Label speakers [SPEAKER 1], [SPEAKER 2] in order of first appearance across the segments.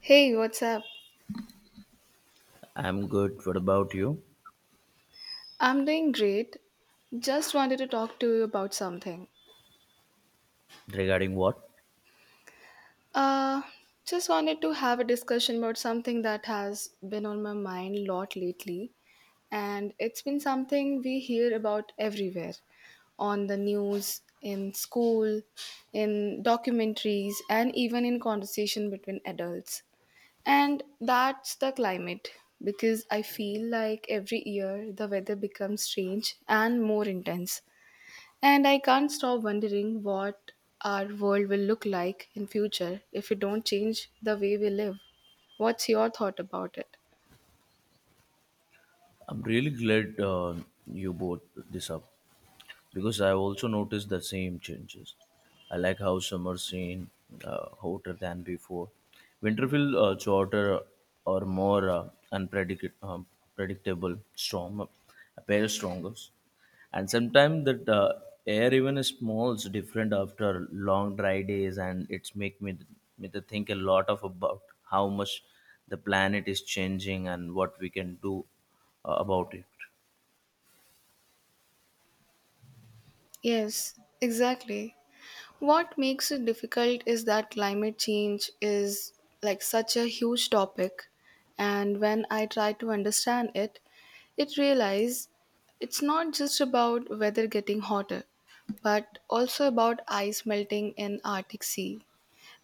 [SPEAKER 1] Hey, what's up?
[SPEAKER 2] I'm good. What about you?
[SPEAKER 1] I'm doing great. Just wanted to talk to you about something.
[SPEAKER 2] Regarding what?
[SPEAKER 1] Uh, just wanted to have a discussion about something that has been on my mind a lot lately, and it's been something we hear about everywhere on the news, in school, in documentaries, and even in conversation between adults. And that's the climate because I feel like every year the weather becomes strange and more intense. And I can't stop wondering what our world will look like in future if we don't change the way we live. What's your thought about it?
[SPEAKER 2] I'm really glad you brought this up. Because I also noticed the same changes. I like how summer seem hotter than before. Winter feel shorter or more predictable, strong, appear stronger. And sometimes that air even smells different after long dry days, and it's make me to think a lot of about how much the planet is changing and what we can do about it.
[SPEAKER 1] Yes, exactly. What makes it difficult is that climate change is like such a huge topic, and when I try to understand it, it realize it's not just about weather getting hotter, but also about ice melting in Arctic Sea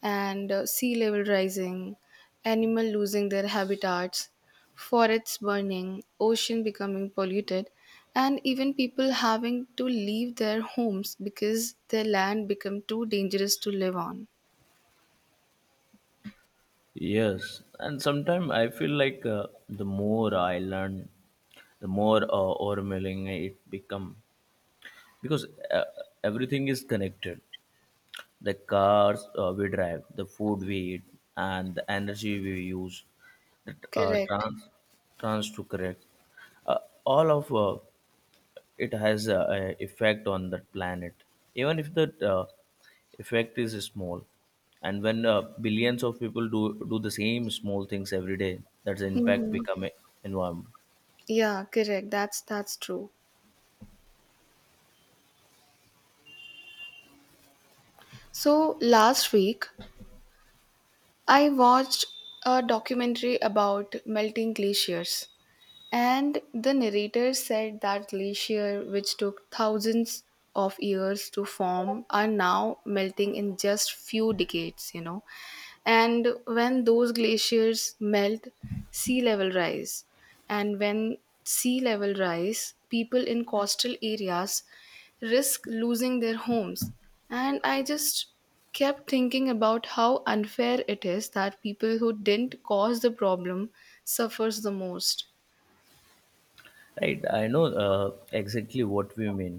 [SPEAKER 1] and sea level rising, animal losing their habitats, forests burning, ocean becoming polluted, and even people having to leave their homes because their land become too dangerous to live on.
[SPEAKER 2] Yes, and sometimes I feel like the more I learn, the more overwhelming it become, because everything is connected. The cars we drive, the food we eat, and the energy we use, the
[SPEAKER 1] Correct.
[SPEAKER 2] trans to correct, uh, all of it has a effect on that planet, even if the effect is small, and when billions of people do the same small things every day, that's the impact
[SPEAKER 1] Hmm.
[SPEAKER 2] become environment.
[SPEAKER 1] Yeah, correct. That's true. So last week I watched a documentary about melting glaciers. And the narrator said that glaciers, which took thousands of years to form, are now melting in just few decades. And when those glaciers melt, sea level rise. And when sea level rise, people in coastal areas risk losing their homes. And I just kept thinking about how unfair it is that people who didn't cause the problem suffers the most.
[SPEAKER 2] Right, I know exactly what we mean.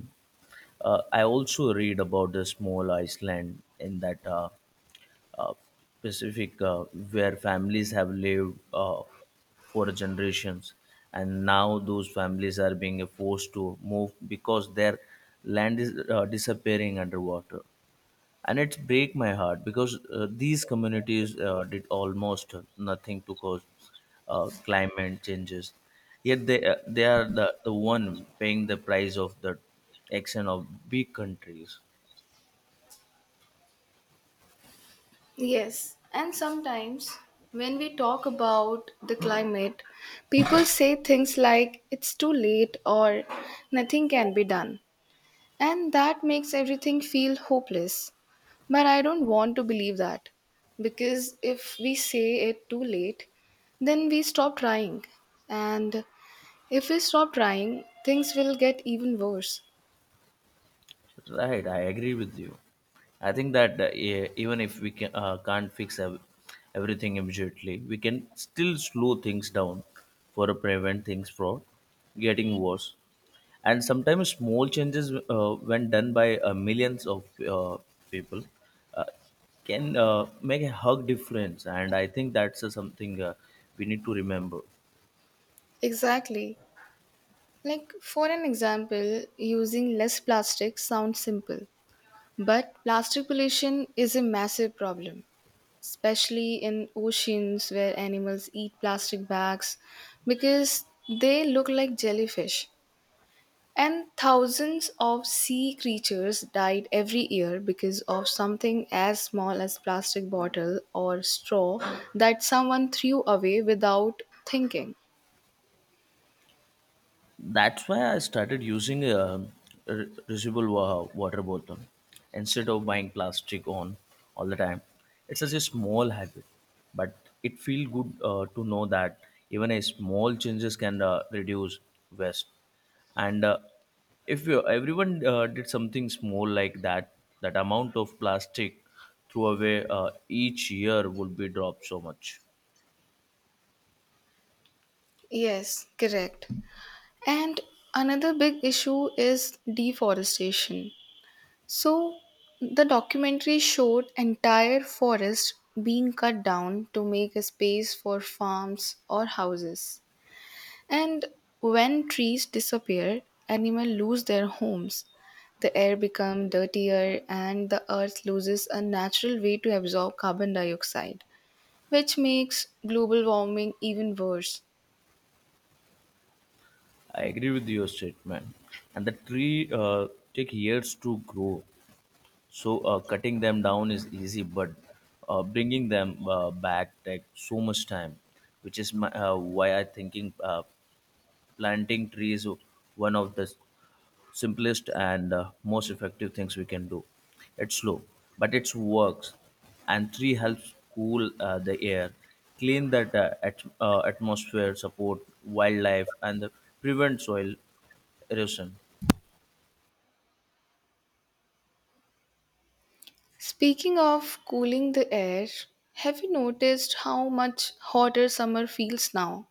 [SPEAKER 2] I also read about the small iceland in that uh, Pacific, where families have lived for generations, and now those families are being forced to move because their land is disappearing underwater. And it break my heart because these communities did almost nothing to cause climate changes. Yet they are the one paying the price of the action of big countries.
[SPEAKER 1] Yes, and sometimes when we talk about the climate, people say things like it's too late or nothing can be done. And that makes everything feel hopeless. But I don't want to believe that, because if we say it too late, then we stop trying. And if we stop trying, things will get even worse.
[SPEAKER 2] Right, I agree with you. I think that even if we can't fix everything immediately, we can still slow things down for prevent things from getting worse. And sometimes small changes, when done by millions of people, uh, can make a hug difference. And I think that's something we need to remember.
[SPEAKER 1] Exactly. Like, for an example, using less plastic sounds simple. But plastic pollution is a massive problem, especially in oceans where animals eat plastic bags because they look like jellyfish. And thousands of sea creatures died every year because of something as small as plastic bottle or straw that someone threw away without thinking.
[SPEAKER 2] That's why I started using a reusable water bottle instead of buying plastic on all the time. It's such a small habit, but it feels good to know that even a small changes can reduce waste. And if everyone did something small like that, that amount of plastic thrown away each year would be dropped so much.
[SPEAKER 1] Yes, correct. And another big issue is deforestation. So the documentary showed entire forests being cut down to make a space for farms or houses. And when trees disappear, animals lose their homes. The air becomes dirtier and the earth loses a natural way to absorb carbon dioxide, which makes global warming even worse.
[SPEAKER 2] I agree with your statement. And the tree take years to grow, so cutting them down is easy, but bringing them back take so much time, which is why I thinking planting trees one of the simplest and most effective things we can do. It's slow, but it works. And three helps cool the air, clean that atmosphere, support wildlife, and prevent soil erosion.
[SPEAKER 1] Speaking of cooling the air, have you noticed how much hotter summer feels now?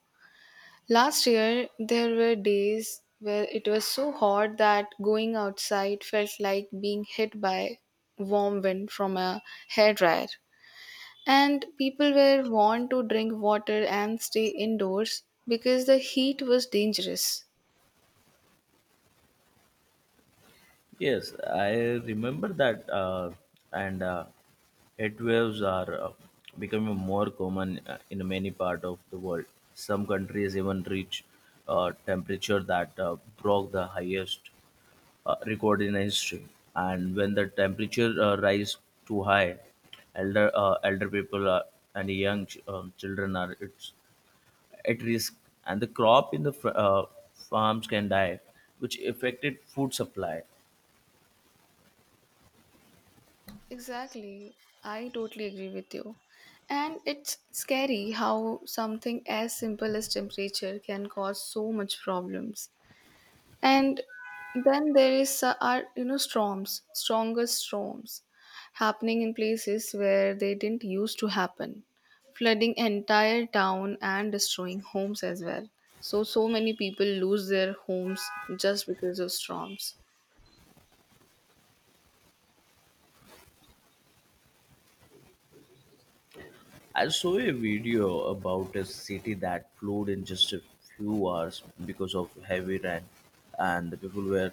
[SPEAKER 1] Last year, there were days where it was so hot that going outside felt like being hit by warm wind from a hairdryer. And people were warned to drink water and stay indoors because the heat was dangerous.
[SPEAKER 2] Yes, I remember that, and heat waves are becoming more common in many parts of the world. Some countries even reach temperature that broke the highest recorded in history. And when the temperature rise too high, elder people are, and young children are it's at risk, and the crop in the farms can die, which affected food supply.
[SPEAKER 1] Exactly. I totally agree with you. And it's scary how something as simple as temperature can cause so much problems. And then there is are you know storms, stronger storms happening in places where they didn't used to happen, flooding entire town and destroying homes as well. So many people lose their homes just because of storms.
[SPEAKER 2] I saw a video about a city that flooded in just a few hours because of heavy rain, and the people were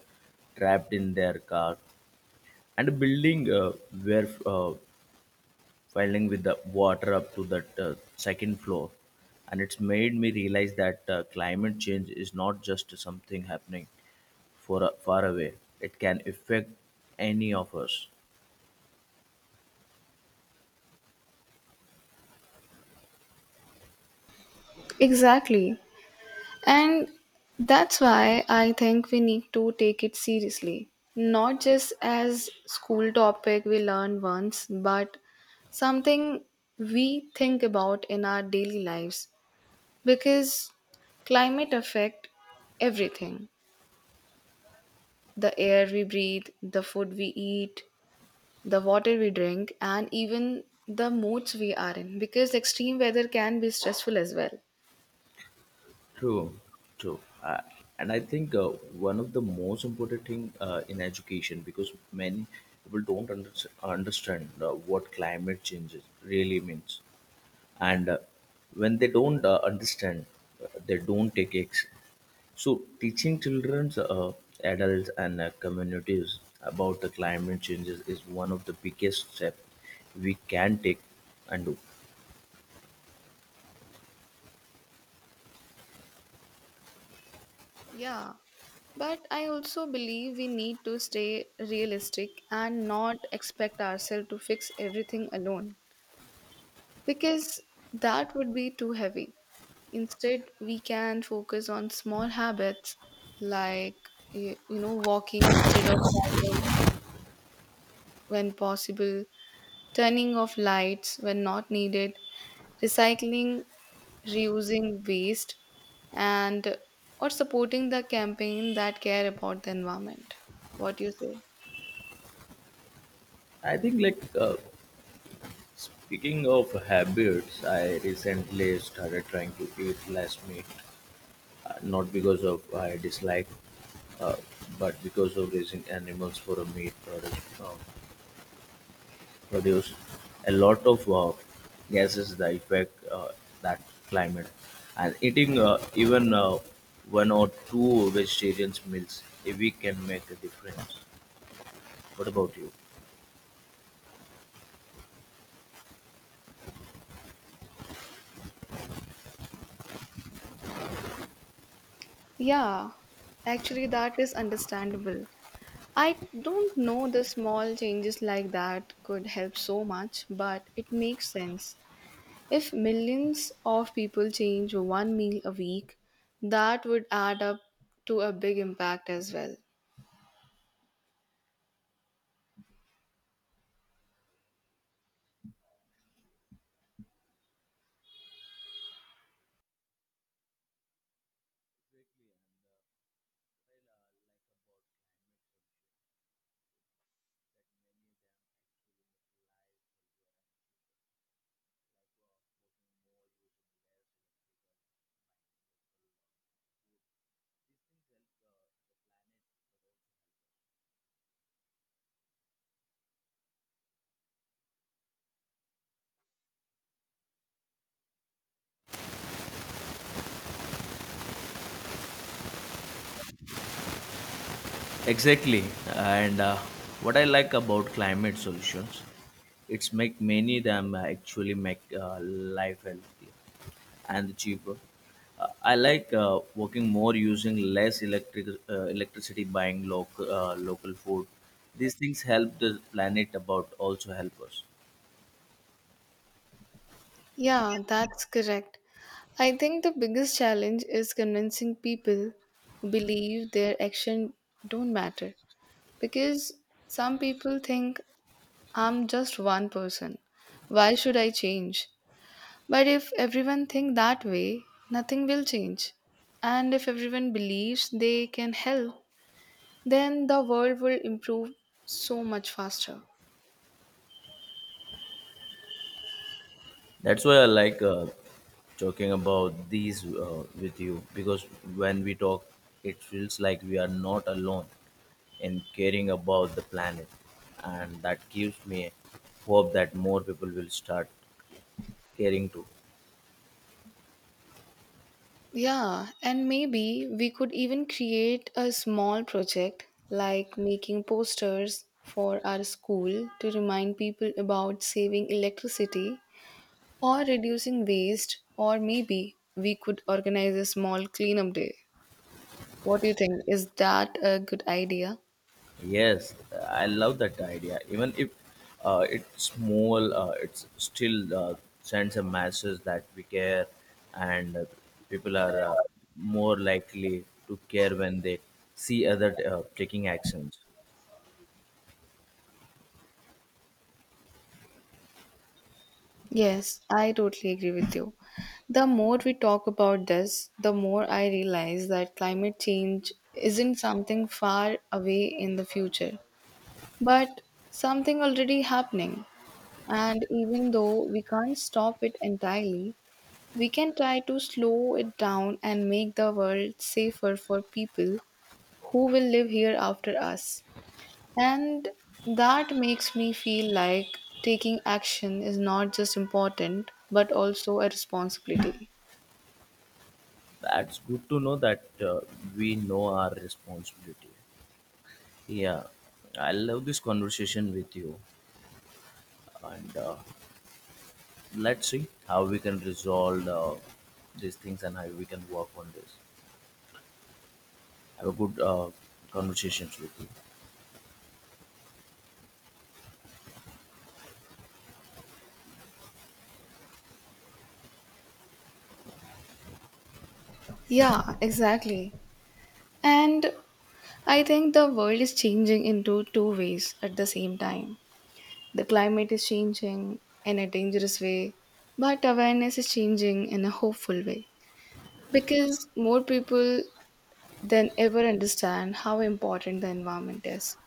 [SPEAKER 2] trapped in their car, and a building were filling with the water up to the second floor, and it's made me realize that climate change is not just something happening for far away. It can affect any of us.
[SPEAKER 1] Exactly. And that's why I think we need to take it seriously. Not just as school topic we learn once, but something we think about in our daily lives, because climate affect everything. The air we breathe, the food we eat, the water we drink, and even the moods we are in, because extreme weather can be stressful as well.
[SPEAKER 2] True. True. And I think one of the most important thing in education, because many people don't understand what climate change really means, and when they don't understand, they don't take. So, teaching children, adults, and communities about the climate changes is one of the biggest steps we can take and do.
[SPEAKER 1] Yeah, but I also believe we need to stay realistic and not expect ourselves to fix everything alone, because that would be too heavy. Instead, we can focus on small habits like, walking instead of driving when possible, turning off lights when not needed, recycling, reusing waste, and or supporting the campaign that care about the environment. What do you say?
[SPEAKER 2] I think, like, speaking of habits, I recently started trying to eat less meat, not because of I dislike, uh, but because of raising animals for a meat product produce a lot of gases that affect that climate. And eating even one or two vegetarian meals a week can make a difference. What about you?
[SPEAKER 1] Yeah, actually, that is understandable. I don't know the small changes like that could help so much, but it makes sense. If millions of people change one meal a week, that would add up to a big impact as well.
[SPEAKER 2] Exactly. And what I like about climate solutions, it's make many them actually make life healthier and cheaper. I like working more using less electricity, buying local food. These things help the planet, about also help us.
[SPEAKER 1] Yeah, that's correct. I think the biggest challenge is convincing people who believe their action don't matter, because some people think I'm just one person. Why should I change? But if everyone think that way, nothing will change. And if everyone believes they can help, then the world will improve so much faster.
[SPEAKER 2] That's why I like talking about these with you, because when we talk, it feels like we are not alone in caring about the planet, and that gives me hope that more people will start caring too.
[SPEAKER 1] Yeah, and maybe we could even create a small project like making posters for our school to remind people about saving electricity or reducing waste, or maybe we could organize a small cleanup day. What do you think? Is that a good idea?
[SPEAKER 2] Yes, I love that idea. Even if it's small, it's still sends a message that we care, and people are more likely to care when they see other taking actions.
[SPEAKER 1] Yes, I totally agree with you. The more we talk about this, the more I realize that climate change isn't something far away in the future, but something already happening. And even though we can't stop it entirely, we can try to slow it down and make the world safer for people who will live here after us. And that makes me feel like taking action is not just important but also a responsibility.
[SPEAKER 2] That's good to know that we know our responsibility. Yeah, I love this conversation with you, and let's see how we can resolve these things and how we can work on this. Have a good conversations with you.
[SPEAKER 1] Yeah, exactly. And I think the world is changing into two ways at the same time. The climate is changing in a dangerous way, but awareness is changing in a hopeful way, because more people than ever understand how important the environment is.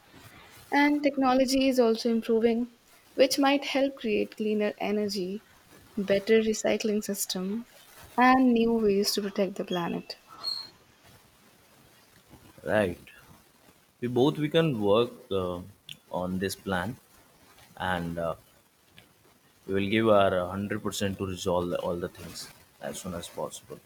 [SPEAKER 1] And technology is also improving, which might help create cleaner energy, better recycling system, and new ways to protect the planet.
[SPEAKER 2] Right. We can work on this plan, and we will give our 100% to resolve all the things as soon as possible.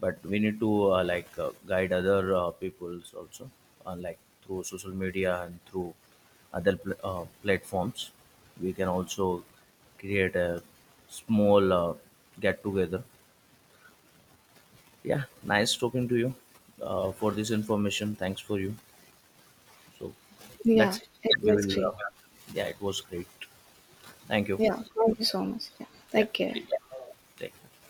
[SPEAKER 2] But we need to like guide other peoples also, like through social media and through other platforms. We can also create a small get together. Yeah, nice talking to you for this information. Thanks for you. So
[SPEAKER 1] Yeah,
[SPEAKER 2] let's
[SPEAKER 1] it
[SPEAKER 2] we
[SPEAKER 1] was
[SPEAKER 2] will.
[SPEAKER 1] great.
[SPEAKER 2] Yeah, it was great. Thank you.
[SPEAKER 1] Yeah, thank you so much. Yeah,
[SPEAKER 2] Yeah,
[SPEAKER 1] take care.
[SPEAKER 2] take, take care.